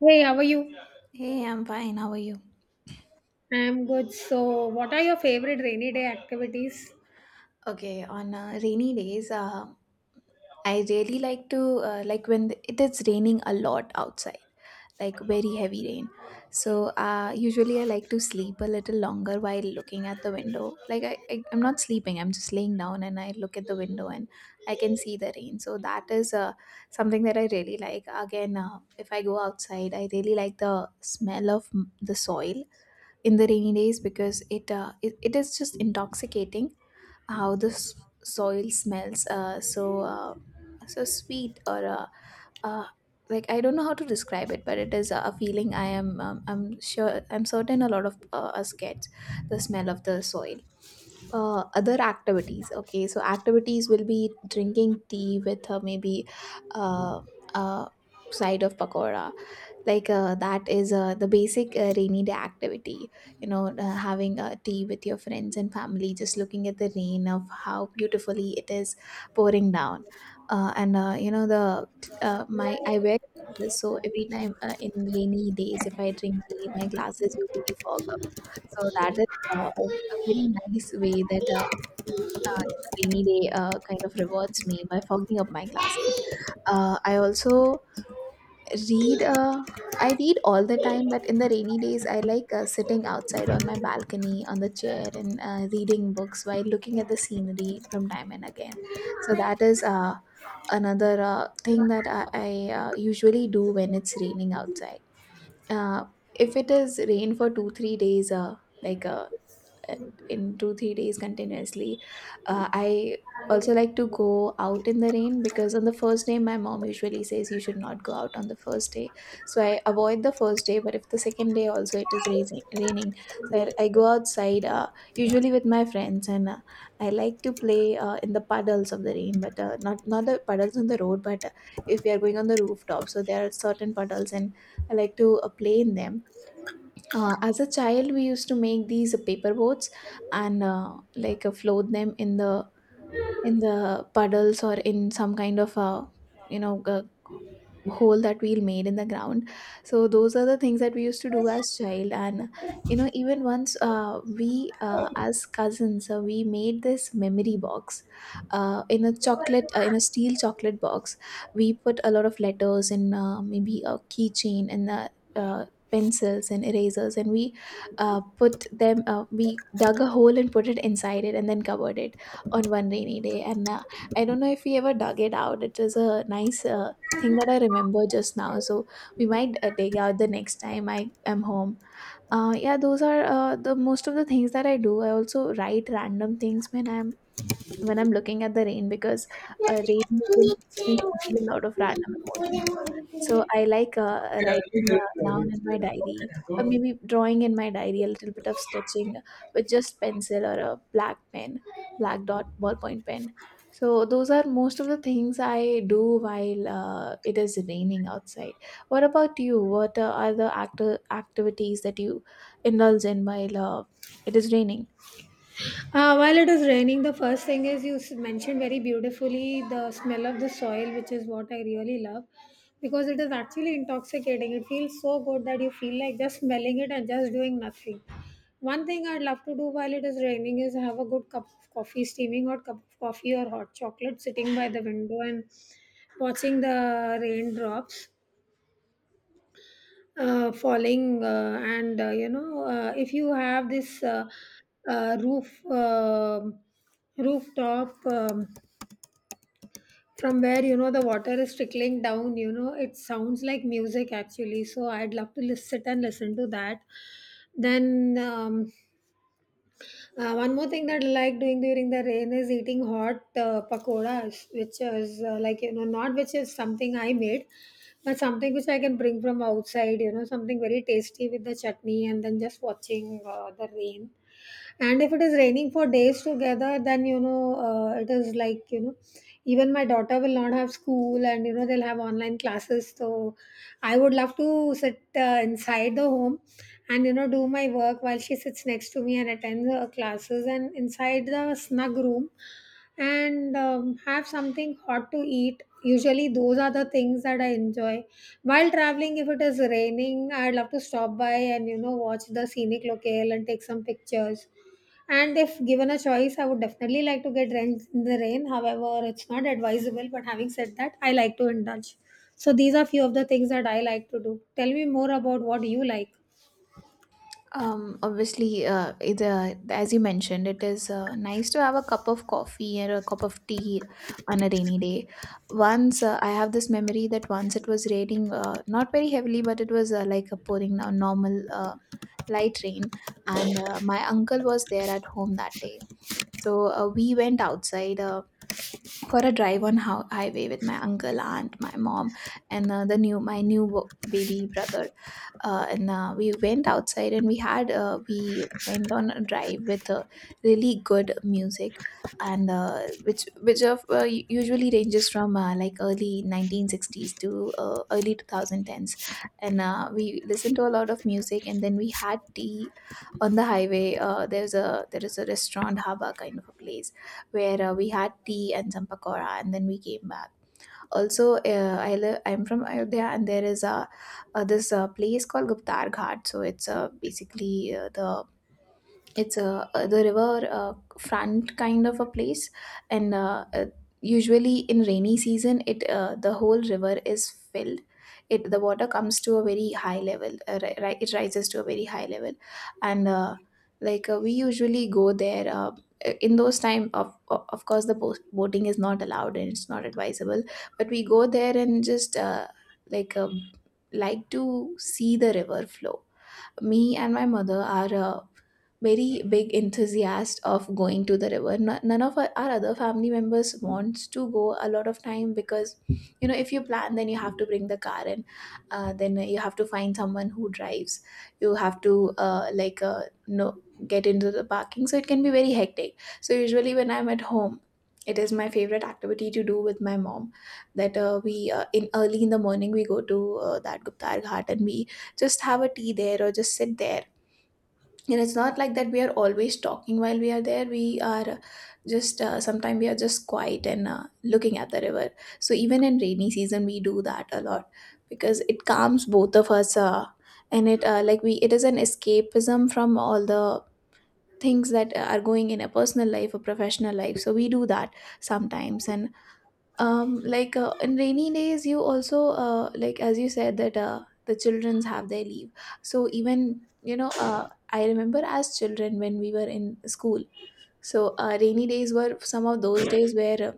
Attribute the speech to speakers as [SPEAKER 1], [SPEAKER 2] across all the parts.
[SPEAKER 1] Hey, how are you?
[SPEAKER 2] Hey, I'm fine. How are you?
[SPEAKER 1] I'm good. So, what are your favorite rainy day activities?
[SPEAKER 2] Okay, on rainy days, I really like to like when it is raining a lot outside, like very heavy rain. So usually I like to sleep a little longer while looking at the window. Like I'm not sleeping. I'm just laying down and I look at the window and I can see the rain. So that is something that I really like. Again, if I go outside, I really like the smell of the soil in the rainy days because it is just intoxicating how the soil smells so sweet or uh, like I don't know how to describe it, but it is a feeling I am I'm sure I'm certain a lot of us get the smell of the soil. Other activities, okay, so activities will be drinking tea with maybe uh, uh, side of pakora, like that is the basic rainy day activity, having a tea with your friends and family, just looking at the rain of how beautifully it is pouring down. Uh, and uh, you know the uh, my I wear glasses, so every time in rainy days if I drink tea my glasses usually fog up, so that is a very nice way that rainy day kind of rewards me by fogging up my glasses. I also read uh, read. All the time, but in the rainy days I like sitting outside on my balcony on the chair and reading books while looking at the scenery from time and again. So that is another thing that I usually do when it's raining outside. Uh, if it is rain for 2-3 days, like uh, in 2-3 days continuously, I also like to go out in the rain because on the first day my mom usually says you should not go out on the first day, so I avoid the first day. But if the second day also it is raining, so I go outside, usually with my friends, and I like to play in the puddles of the rain, but not the puddles on the road, but if we are going on the rooftop, so there are certain puddles and I like to play in them. As a child we used to make these paper boats and like float them in the puddles or in some kind of a you know g- hole that we made in the ground. So those are the things that we used to do as child. And even once we as cousins we made this memory box, in a steel chocolate box. We put a lot of letters in, maybe a keychain and uh, pencils and erasers, and we put them. We dug a hole and put it inside it and then covered it on one rainy day, and I don't know if we ever dug it out. It was a nice thing that I remember just now, so we might dig out the next time I am home. Yeah, those are the most of the things that I do. I also write random things when I'm looking at the rain because rain usually makes me feel a lot of random emotions. So I like writing down in my diary, or
[SPEAKER 1] Uh,
[SPEAKER 2] maybe drawing in my diary, a little bit of sketching with just pencil or a black pen, black dot ballpoint pen. So those are most of the things I do while it is raining outside. What about you? What are the actor activities that you indulge in while it is raining?
[SPEAKER 1] while it is raining, the first thing is mentioned very beautifully the smell of the soil, which is what I really love because it is actually intoxicating. It feels so good that you feel like just smelling it and just doing nothing. One thing I'd love to do while it is raining is have a good cup of coffee, steaming hot cup of coffee or hot chocolate, sitting by the window and watching the raindrops falling and you know if you have this uh, roof um rooftop, from where, you know, the water is trickling down. You know, it sounds like music actually, so I'd love to sit and listen to that. Then one more thing that I like doing during the rain is eating hot pakoras, which is, like, you know, not which is something I made, but something which I can bring from outside. You know, something very tasty with the chutney, and then just watching the rain. And if it is raining for days together, then, you know, it is like, you know, even my daughter will not have school, and, you know, they'll have online classes. So I would love to sit inside the home, and, you know, do my work while she sits next to me and attends her classes, and inside the snug room and have something hot to eat. Usually those are the things that I enjoy. While traveling, if it is raining, I'd love to stop by and, you know, watch the scenic locale and take some pictures. And if given a choice, I would definitely like to get drenched in the rain. However, it's not advisable. But having said that, I like to indulge. So these are few of the things that I like to do. Tell me more about what you like.
[SPEAKER 2] Obviously, as you mentioned, it is nice to have a cup of coffee or a cup of tea on a rainy day. Once I have this memory that once it was raining, not very heavily, but it was like a pouring now normal light rain, and my uncle was there at home that day. So we went outside. For a drive on how highway with my uncle, aunt, my mom, and the new my new wo- baby brother. And we went outside and we went on a drive with really good music, and which of u- usually ranges from like early 1960s to early 2010s, and we listened to a lot of music, and then we had tea on the highway. There is a restaurant, haba kind of a place where we had tea and some pakora, and then we came back. Also, I live. I'm from Ayodhya, and there is a this place called Guptar Ghat. So it's basically the river front kind of a place, and usually in rainy season, it the whole river is filled. It the water comes to a very high level. It rises to a very high level, and we usually go there. In those time, of course, the boating is not allowed and it's not advisable, but we go there and just like uh, like to see the river flow. Me and my mother are very big enthusiast of going to the river. No- None of our other family members wants to go a lot of time, because if you plan then you have to bring the car in, then you have to find someone who drives, you have to like no, get into the parking, so it can be very hectic. So usually when I'm at home, it is my favorite activity to do with my mom, that we in the morning we go to that Guptar Ghat, and we just have a tea there or just sit there. And it's not like that we are always talking while we are there. We are just Sometimes we are just quiet and looking at the river. So even in rainy season we do that a lot, because it calms both of us, and it like we it is an escapism from all the things that are going in a personal life or professional life, so we do that sometimes. And like in rainy days you also, like as you said, that the childrens have their leave, so even I remember, as children when we were in school, so rainy days were some of those days where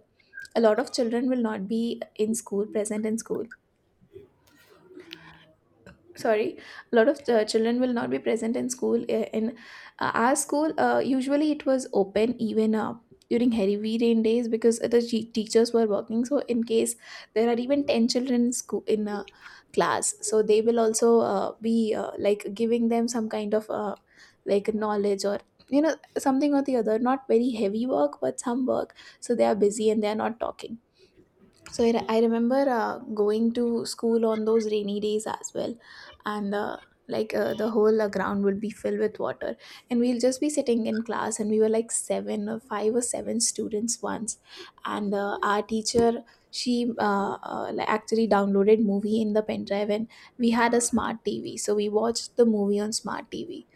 [SPEAKER 2] a lot of children will not be in school present in school. Sorry, a lot of children will not be present in school. In our school, usually it was open even during heavy rain days, because the teachers were working. So in case there are even 10 children in school, in a class, so they will also be like giving them some kind of like knowledge, or something or the other, not very heavy work but some work, so they are busy and they are not talking. So I remember going to school on those rainy days as well, and like the whole ground would be filled with water, and we'll just be sitting in class, and we were like seven or five or seven students once, and our teacher, she like actually downloaded movie in the pen drive, and we had a smart TV, so we watched the movie on smart TV.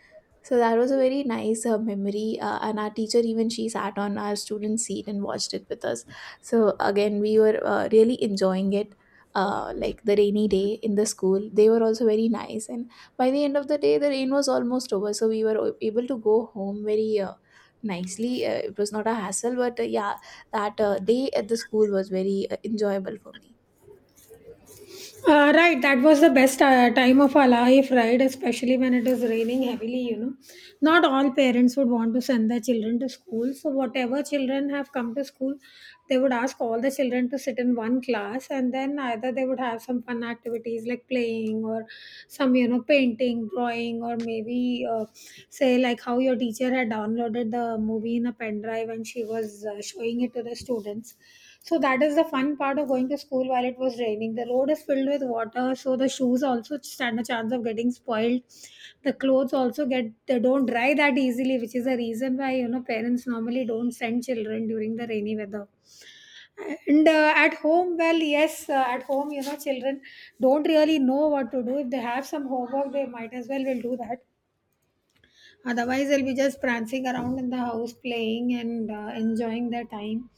[SPEAKER 2] So that was a very nice memory, and our teacher, even she sat on our student seat and watched it with us. So again, we were really enjoying it. Like the rainy day in the school, they were also very nice. And by the end of the day, the rain was almost over, so we were able to go home very nicely. It was not a hassle, but yeah, that day at the school was very enjoyable for me.
[SPEAKER 1] Right, that was the best time of our life, right? Especially when it is raining heavily, you know. Not all parents would want to send their children to school. So, whatever children have come to school, they would ask all the children to sit in one class, and then either they would have some fun activities like playing or some, you know, painting, drawing, or maybe say like how your teacher had downloaded the movie in a pen drive and she was showing it to the students. So that is the fun part of going to school while it was raining. The road is filled with water, so the shoes also stand a chance of getting spoiled. The clothes also get, they don't dry that easily, which is a reason why, you know, parents normally don't send children during the rainy weather. And at home, well, yes, at home, you know, children don't really know what to do. If they have some homework, they might as well will do that. Otherwise, they'll be just prancing around in the house playing and enjoying their time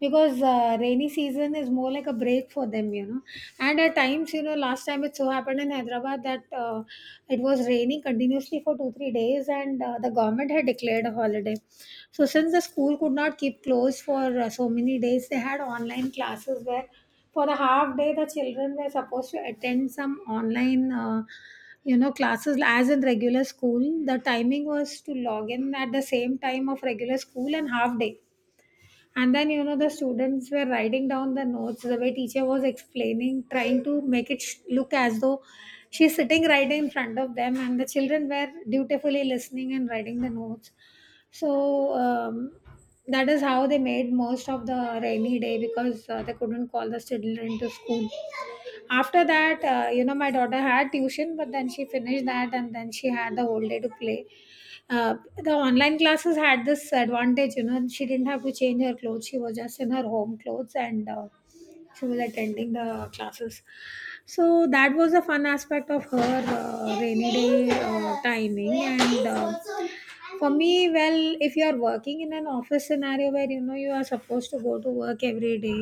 [SPEAKER 1] because rainy season is more like a break for them, you know. And at times, you know, last time it so happened in Hyderabad that it was raining continuously for 2, 3 days, and the government had declared a holiday. So, since the school could not keep closed for so many days, they had online classes, where for the half day the children were supposed to attend some online you know classes, as in regular school. The timing was to log in at the same time of regular school and half day, and then, you know, the students were writing down the notes the way teacher was explaining, trying to make it look as though she's sitting right in front of them, and the children were dutifully listening and writing the notes. So that is how they made most of the rainy day, because they couldn't call the children to school. After that, you know, my daughter had tuition, but then she finished that and then she had the whole day to play. The online classes had this advantage, you know, she didn't have to change her clothes. She was just in her home clothes and she was attending the classes. So that was a fun aspect of her rainy day timing. And for me, well, if you are working in an office scenario where, you know, you are supposed to go to work every day,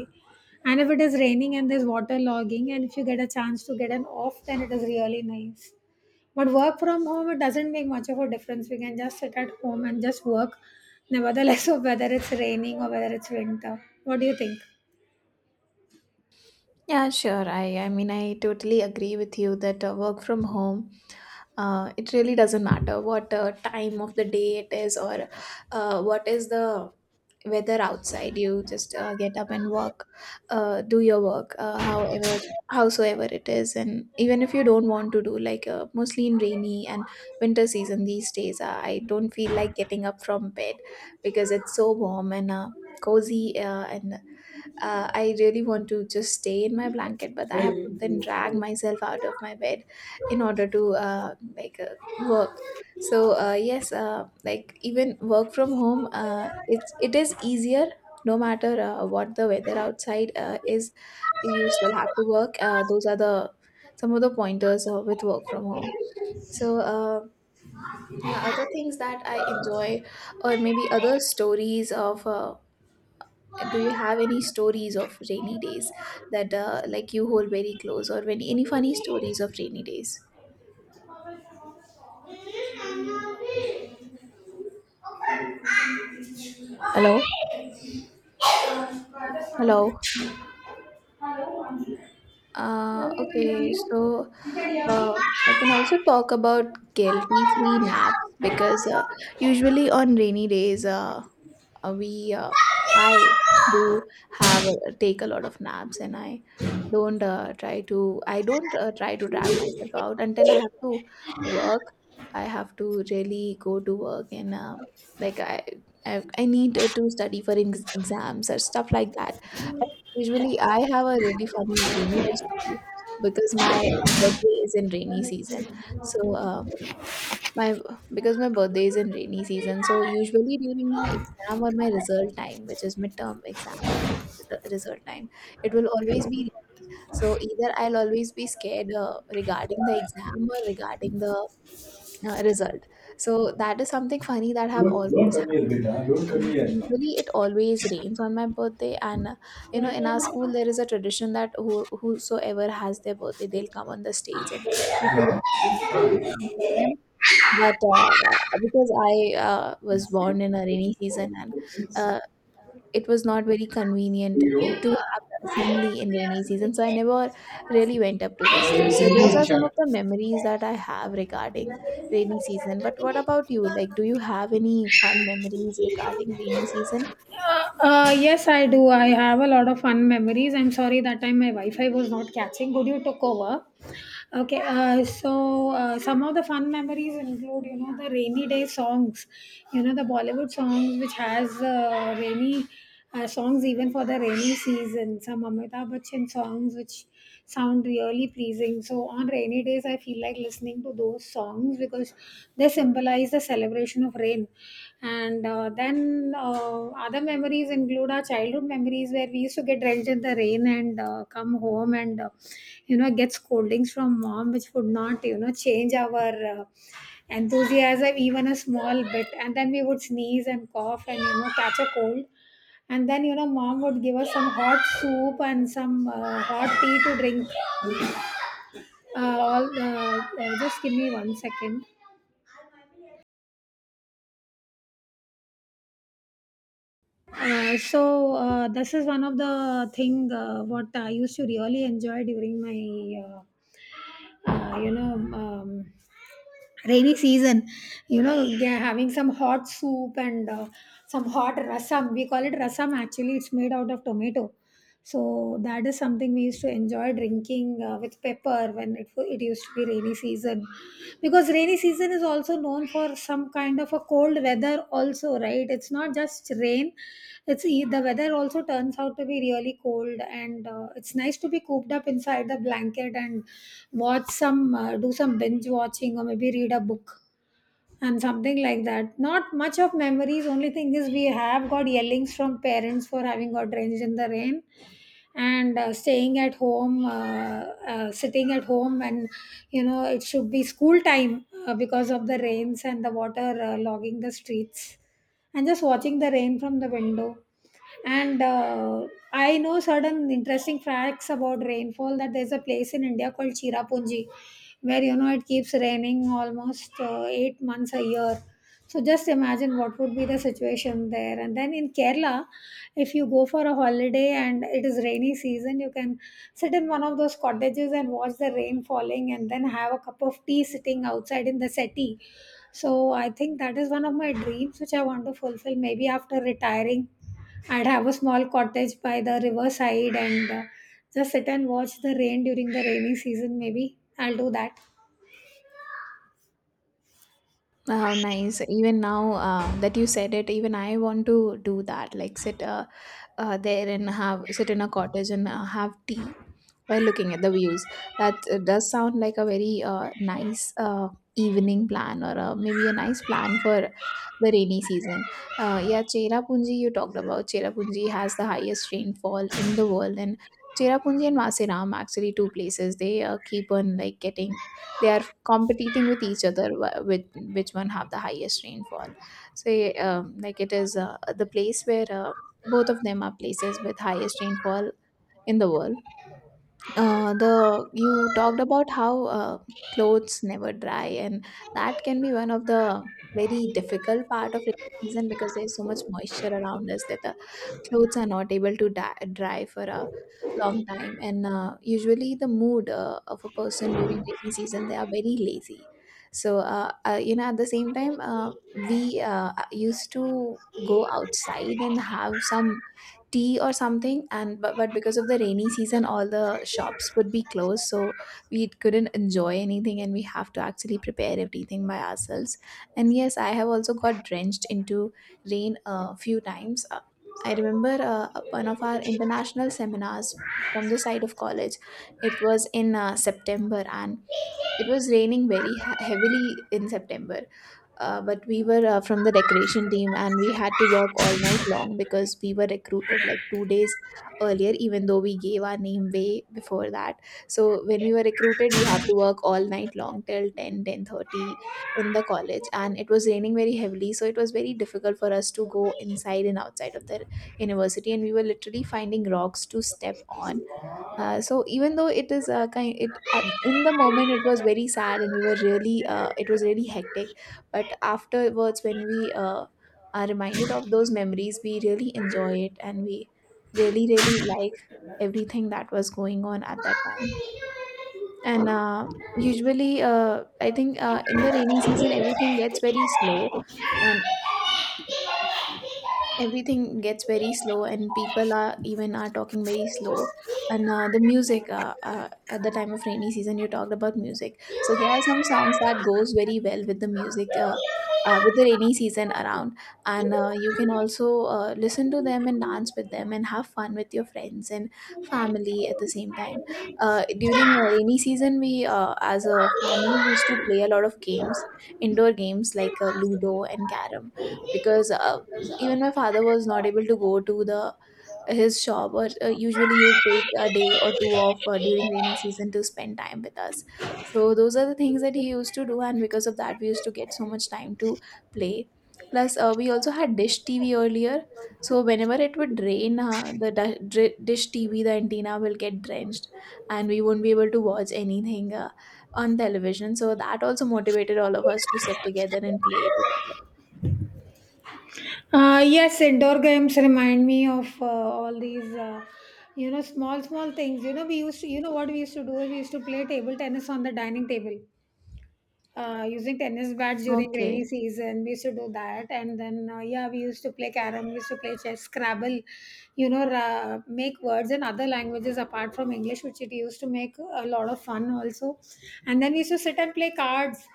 [SPEAKER 1] and if it is raining and there's water logging and if you get a chance to get an off, then it is really nice. But work from home, it doesn't make much of a difference. We can just sit at home and just work, nevertheless of whether it's raining or whether it's winter. What do you think?
[SPEAKER 2] Yeah, sure. I mean I totally agree with you that work from home, it really doesn't matter what time of the day it is, or what is the weather outside. You just get up and work, do your work, however howsoever it is, and even if you don't want to do like mostly in rainy and winter season these days, I don't feel like getting up from bed because it's so warm and cozy and I really want to just stay in my blanket, but I have
[SPEAKER 1] Hey,
[SPEAKER 2] to then drag myself out of my bed in order to like work. So yes, like even work from home, it is easier. No matter what the weather outside is, you still have to work. Those are the some of the pointers with work from home. So yeah, other things that I enjoy, or maybe other stories of. Do you have any stories of rainy days that like you hold very close or any funny stories of rainy days. Hello? Hello? Okay, so uh, I can also talk about guilty free naps because usually on rainy days we I do have take a lot of naps, and I don't try to drag myself out until I have to work. I have to really go to work and like I need to study for ex exams or stuff like that. Usually, I have a really funny rainy day story because my birthday is in rainy season. So my because my birthday is in rainy season, so usually during my exam or my result time, which is midterm exam or the result time, it will always be, so either I'll always be scared regarding the exam or regarding the result. So that is something funny that have
[SPEAKER 1] don't
[SPEAKER 2] always
[SPEAKER 1] come here,
[SPEAKER 2] happened.
[SPEAKER 1] beta. Don't come
[SPEAKER 2] And
[SPEAKER 1] here.
[SPEAKER 2] usually it always rains on my birthday, and in our school there is a tradition that whosoever has their birthday, they'll come on the stage and people will sing birthday song for them, but because I was born in a rainy season and
[SPEAKER 1] Six.
[SPEAKER 2] uh, it was not very convenient
[SPEAKER 1] You.
[SPEAKER 2] to have the assembly in rainy season, so I never really went up to the stage. So those
[SPEAKER 1] Indian
[SPEAKER 2] are some of the
[SPEAKER 1] chapter.
[SPEAKER 2] memories that I have regarding rainy season. But what about you? Like, do you have any fun memories regarding rainy season?
[SPEAKER 1] Yes, I do. I have a lot of fun memories. I'm sorry that time my Wi-Fi was not catching. Good, you took over. Okay, so some of the fun memories include, you know, the rainy day songs, you know, the Bollywood songs which has rainy songs even for the rainy season. Some Amitabh Bachchan songs which sound really pleasing. So on rainy days, I feel like listening to those songs because they symbolize the celebration of rain. And then other memories include our childhood memories, where we used to get drenched in the rain and come home and, you know, get scoldings from mom, which would not, you know, change our enthusiasm even a small bit. And then we would sneeze and cough and, you know, catch a cold, and then, you know, mom would give us some hot soup and some hot tea to drink. All Just give me 1 second. So this is one of the thing what I used to really enjoy during my you know rainy season. You know, yeah, having some hot soup and some hot rasam. We call it rasam. Actually, it's made out of tomato. So that is something we used to enjoy drinking with pepper when it used to be rainy season. Because rainy season is also known for some kind of a cold weather also, right? It's not just rain. It's the weather also turns out to be really cold, and it's nice to be cooped up inside the blanket and watch some do some binge watching or maybe read a book and something like that. Not much of memories. Only thing is we have got yellings from parents for having got drenched in the rain and staying at home, sitting at home and, you know, it should be school time because of the rains and the water logging the streets, and just watching the rain from the window. And I know certain interesting facts about rainfall, that there's a place in India called Chirapunji where, you know, it keeps raining almost 8 months a year. So just imagine what would be the situation there. And then in Kerala, if you go for a holiday and it is rainy season, you can sit in one of those cottages and watch the rain falling and then have a cup of tea sitting outside in the settee. So I think that is one of my dreams which I want to fulfill. Maybe after retiring, I'd have a small cottage by the riverside and just sit and watch the rain during the rainy season, maybe. I'll do that.
[SPEAKER 2] How nice. Even now that you said it, even I want to do that. Like, sit there and have sit in a cottage and have tea while looking at the views. That does sound like a very nice evening plan or maybe a nice plan for the rainy season. Yeah, Cherrapunji you talked about. Cherrapunji has the highest rainfall in the world, and Cherrapunji and Vasiram actually two places, they keep on like getting, they are competing with each other, with which one have the highest rainfall. So like, it is the place where both of them are places with highest rainfall in the world. The You talked about how uh, clothes never dry, and that can be one of the very difficult part of rainy season because there's so much moisture around us that the clothes are not able to dry for a long time. And usually the mood of a person during rainy season, they are very lazy. So at the same time we used to go outside and have some tea or something, and but because of the rainy season all the shops would be closed, so we couldn't enjoy anything and we have to actually prepare everything by ourselves. And yes, I have also got drenched into rain a few times. I remember one of our international seminars from the side of college. It was in September, and it was raining very heavily in September, but we were from the decoration team and we had to work all night long because we were recruited like 2 days earlier, even though we gave our name way before that. So when we were recruited, we have to work all night long till 10, 10:30 in the college, and it was raining very heavily. So it was very difficult for us to go inside and outside of the university, and we were literally finding rocks to step on. So even though it is a kind, it at, in the moment it was very sad, and we were really it was really hectic. But afterwards, when we are reminded of those memories, we really enjoy it, and we really really like everything that was going on at that time. And usually I think in the rainy season everything gets very slow, and people are even are talking very slow. And the music at the time of rainy season, you talked about music, so there are some songs that goes very well with the music with the rainy season around. And you can also listen to them and dance with them and have fun with your friends and family at the same time. During rainy season, we as a family used to play a lot of games, indoor games like ludo and carrom, because even my father was not able to go to the his shop, or usually he would take a day or two off during rainy season to spend time with us. So those are the things that he used to do, and because of that we used to get so much time to play. Plus we also had Dish TV earlier, so whenever it would rain, Dish TV, the antenna will get drenched and we won't be able to watch anything on television, so that also motivated all of us to sit together and play together.
[SPEAKER 1] Yes, indoor games remind me of all these, you know, small, small things. You know, we used to, you know, what we used to do is we used to play table tennis on the dining table using tennis bats during rainy
[SPEAKER 2] Okay.
[SPEAKER 1] season. We used to do that, and then yeah, we used to play carom, we used to play chess, Scrabble. You know, make words in other languages apart from English, which it used to make a lot of fun also. And then we used to sit and play cards.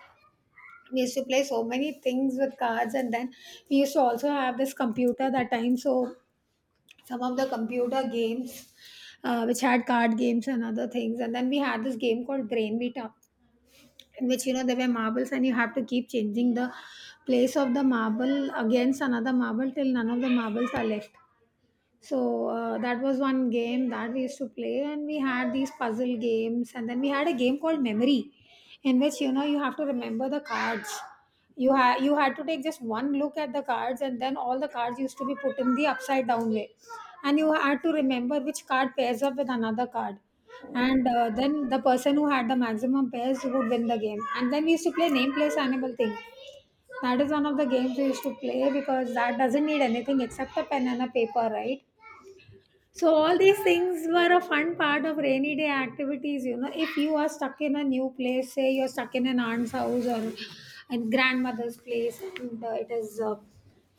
[SPEAKER 1] We used to play so many things with cards, and then we used to also have this computer that time. So some of the computer games. Which had card games and other things, and then we had this game called Brain Meetup, in which you know there were marbles and you have to keep changing the place of the marble against another marble till none of the marbles are left. So that was one game that we used to play, and we had these puzzle games, and then we had a game called Memory, in which you know you have to remember the cards. You had to take just one look at the cards, and then all the cards used to be put in the upside down way, and you had to remember which card pairs up with another card, and then the person who had the maximum pairs would win the game. And then we used to play name place animal thing. That is one of the games we used to play because that doesn't need anything except a pen and a paper, right? So all these things were a fun part of rainy day activities. You know, if you are stuck in a new place, say you're stuck in an aunt's house or in grandmother's place, and it is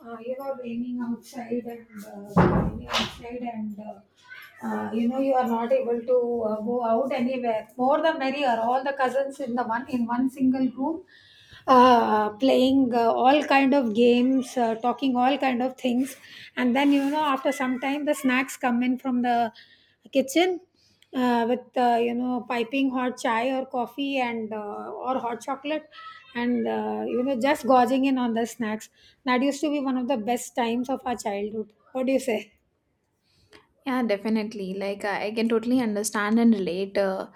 [SPEAKER 1] you know raining outside, and you know you are not able to go out anywhere. More the merrier. All the cousins in the one in one single room, playing all kind of games, talking all kind of things, and then you know after some time the snacks come in from the kitchen, with you know piping hot chai or coffee and or hot chocolate, and you know just gorging in on the snacks. That used to be one of the best times of our childhood, what do you say?
[SPEAKER 2] Yeah, definitely. Like, I can totally understand and relate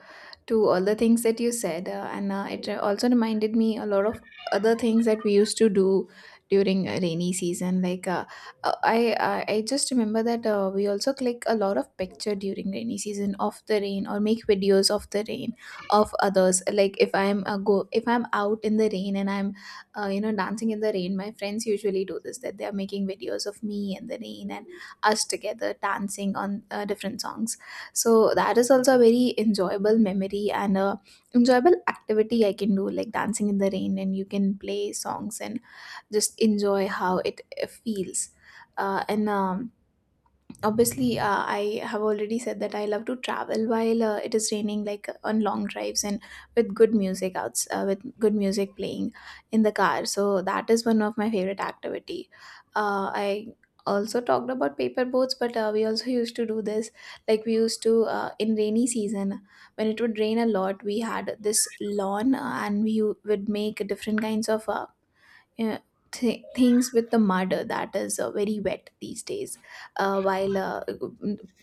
[SPEAKER 2] to all the things that you said. Also reminded me a lot of other things that we used to do during a rainy season. Like, uh, I, I just remember that we also click a lot of picture during rainy season of the rain, or make videos of the rain, of others. Like, if I'm out in the rain and I'm, dancing in the rain, my friends usually do this, that they are making videos of me and the rain and us together dancing on different songs. So that is also a very enjoyable memory and a enjoyable activity I can do, like dancing in the rain, and you can play songs and just enjoy how it feels. And Obviously I have already said that I love to travel while it is raining, like on long drives and with good music playing in the car. So that is one of my favorite activity. I also talked about paper boats, but we also used to do this, like we used to in rainy season when it would rain a lot, we had this lawn and we would make different kinds of uh, things with the mud that is very wet these days while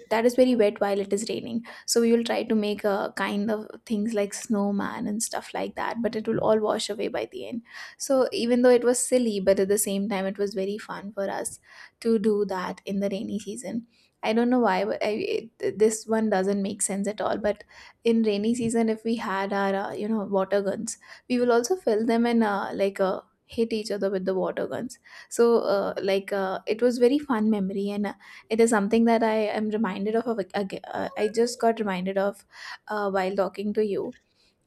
[SPEAKER 2] that is very wet while it is raining. So we will try to make a kind of things like snowman and stuff like that, but it will all wash away by the end. So even though it was silly, but at the same time it was very fun for us to do that in the rainy season. I don't know why, but this one doesn't make sense at all, but in rainy season, if we had our water guns, we will also fill them in, like a hit each other with the water guns. So like it was very fun memory, and it is something that I just got reminded of while talking to you.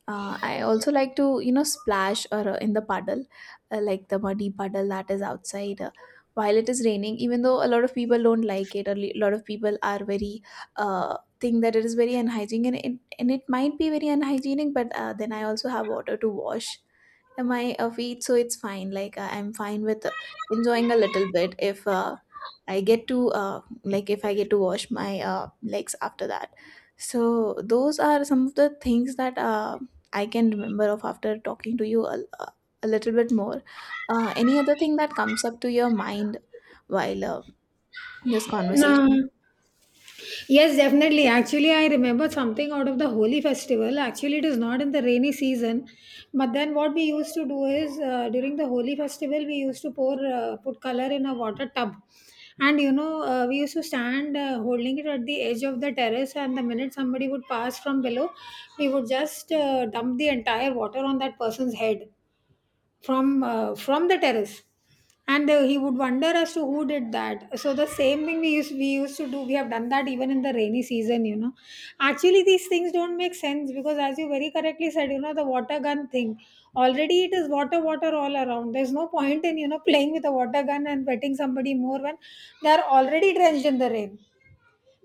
[SPEAKER 2] I also like to, splash or in the puddle, like the muddy puddle that is outside while it is raining. Even though a lot of people don't like it, or a lot of people are very think that it is very unhygienic, and it might be very unhygienic. But then I also have water to wash my feet, so it's fine. Like I'm fine with enjoying a little bit if I get to like if I get to wash my legs after that. So those are some of the things that I can remember of after talking to you a little bit more. Any other thing that comes up to your mind while this
[SPEAKER 1] No.
[SPEAKER 2] conversation?
[SPEAKER 1] Yes, definitely. Actually, I remember something out of the Holi festival. Actually, it is not in the rainy season, but then what we used to do is, during the Holi festival, we used to pour put color in a water tub, and you know we used to stand holding it at the edge of the terrace, and the minute somebody would pass from below, we would just dump the entire water on that person's head, from the terrace. And he would wonder as to who did that. So the same thing we used to do, we have done that even in the rainy season, you know. Actually these things don't make sense because, as you very correctly said, you know, the water gun thing, already it is water water all around, there's no point in you know playing with a water gun and wetting somebody more when they are already drenched in the rain.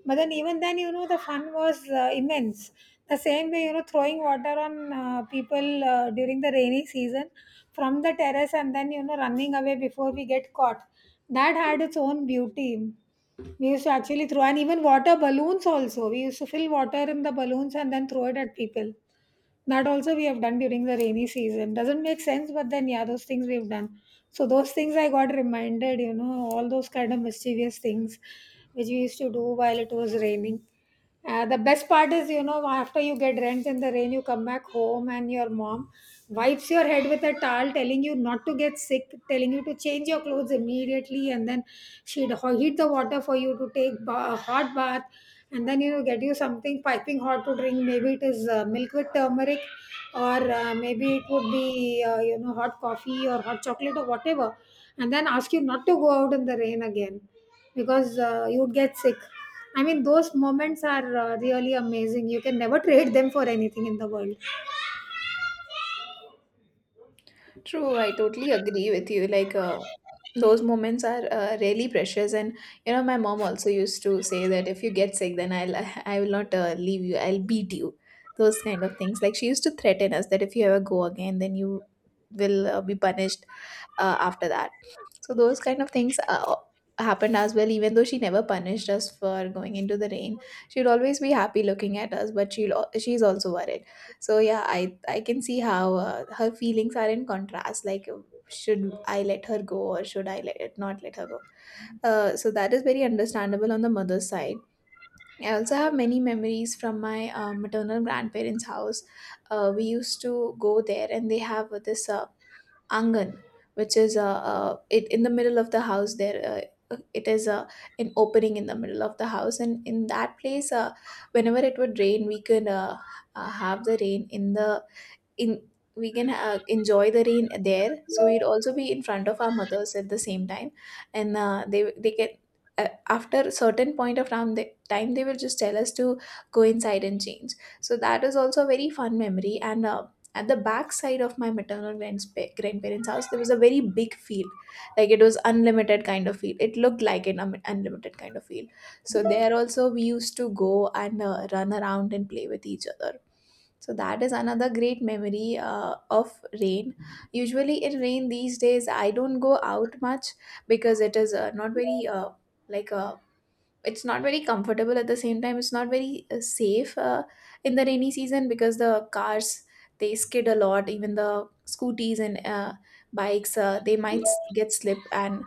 [SPEAKER 1] But then even then, you know, the fun was immense. The same way, you know, throwing water on people during the rainy season from the terrace and then, you know, running away before we get caught. That had its own beauty. We used to actually throw, and even water balloons also. We used to fill water in the balloons and then throw it at people. That also we have done during the rainy season. Doesn't make sense, but then yeah, those things we've done. So those things I got reminded, you know, all those kind of mischievous things which we used to do while it was raining. The best part is, you know, after you get drenched in the rain, you come back home and your mom wipes your head with a towel, telling you not to get sick, telling you to change your clothes immediately, and then heat the water for you to take a hot bath, and then you know get you something piping hot to drink. Maybe it is milk with turmeric, or maybe it would be you know hot coffee or hot chocolate or whatever, and then ask you not to go out in the rain again because you would get sick. I mean, those moments are really amazing. You can never trade them for anything in the world.
[SPEAKER 2] True, I totally agree with you. Like, those moments are really precious, and you know, my mom also used to say that if you get sick, then I'll I will not leave you. I'll beat you. Those kind of things. Like she used to threaten us that if you ever go again, then you will be punished after that. So those kind of things happened as well. Even though she never punished us for going into the rain, she'd always be happy looking at us, but she's also worried. So yeah, I can see how her feelings are in contrast. Like, should I let her go or should I let it not let her go? So that is very understandable on the mother's side. I also have many memories from my maternal grandparents' house. We used to go there, and they have this angan, which is it in the middle of the house. There, it is an opening in the middle of the house, and in that place, whenever it would rain, we could have the rain in the in we can enjoy the rain there, so we'd also be in front of our mothers at the same time, and they can, after a certain point of time they will just tell us to go inside and change. So that is also a very fun memory. And at the back side of my maternal grandspa- grandparents house, there was a very big field. Like it was unlimited kind of field. It looked like an unlimited kind of field. So there also we used to go and run around and play with each other. So that is another great memory of rain. Usually in rain these days, I don't go out much because it is not very like it's not very comfortable. At the same time, it's not very safe in the rainy season because the cars, they skid a lot. Even the scooties and bikes, get slip and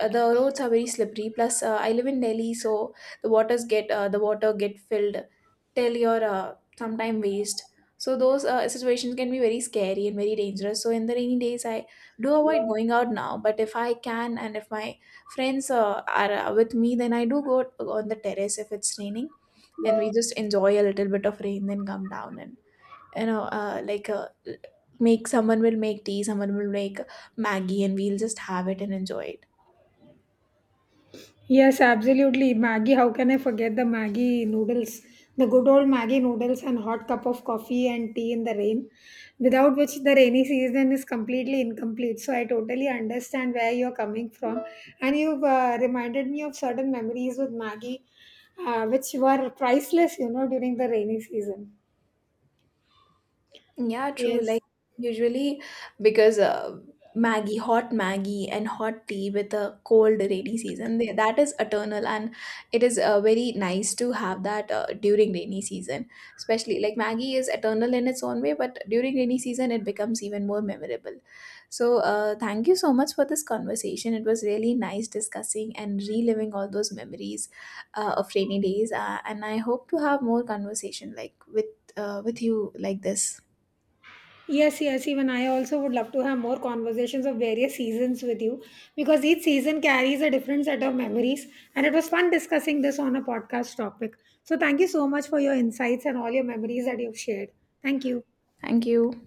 [SPEAKER 2] the roads are very slippery. Plus, I live in Delhi, so the water get filled till your some time waste. So those situations can be very scary and very dangerous. So in the rainy days, I do avoid going out now. But if I can and if my friends are with me, then I do go on the terrace if it's raining, and we just enjoy a little bit of rain, then come down and you know uh, like uh, make, someone will make tea, someone will make Maggie, and we'll just have it and enjoy it.
[SPEAKER 1] Yes, absolutely. Maggie, how can I forget the Maggie noodles? The good old Maggie noodles and hot cup of coffee and tea in the rain, without which the rainy season is completely incomplete. So I totally understand where you're coming from. And you've reminded me of certain memories with Maggie, which were priceless, you know, during the rainy season.
[SPEAKER 2] Yeah, true.
[SPEAKER 1] Yes.
[SPEAKER 2] Like usually, because Maggie, hot Maggie and hot tea with a cold rainy season, that is eternal, and it is very nice to have that during rainy season. Especially like Maggie is eternal in its own way, but during rainy season it becomes even more memorable. So thank you so much for this conversation. It was really nice discussing and reliving all those memories of rainy days. And I hope to have more conversation like with you like this.
[SPEAKER 1] Yes, yes, even I also would love to have more conversations of various seasons with you because each season carries a different set of memories. And it was fun discussing this on a podcast topic. So, thank you so much for your insights and all your memories that you've shared. Thank you.
[SPEAKER 2] Thank you.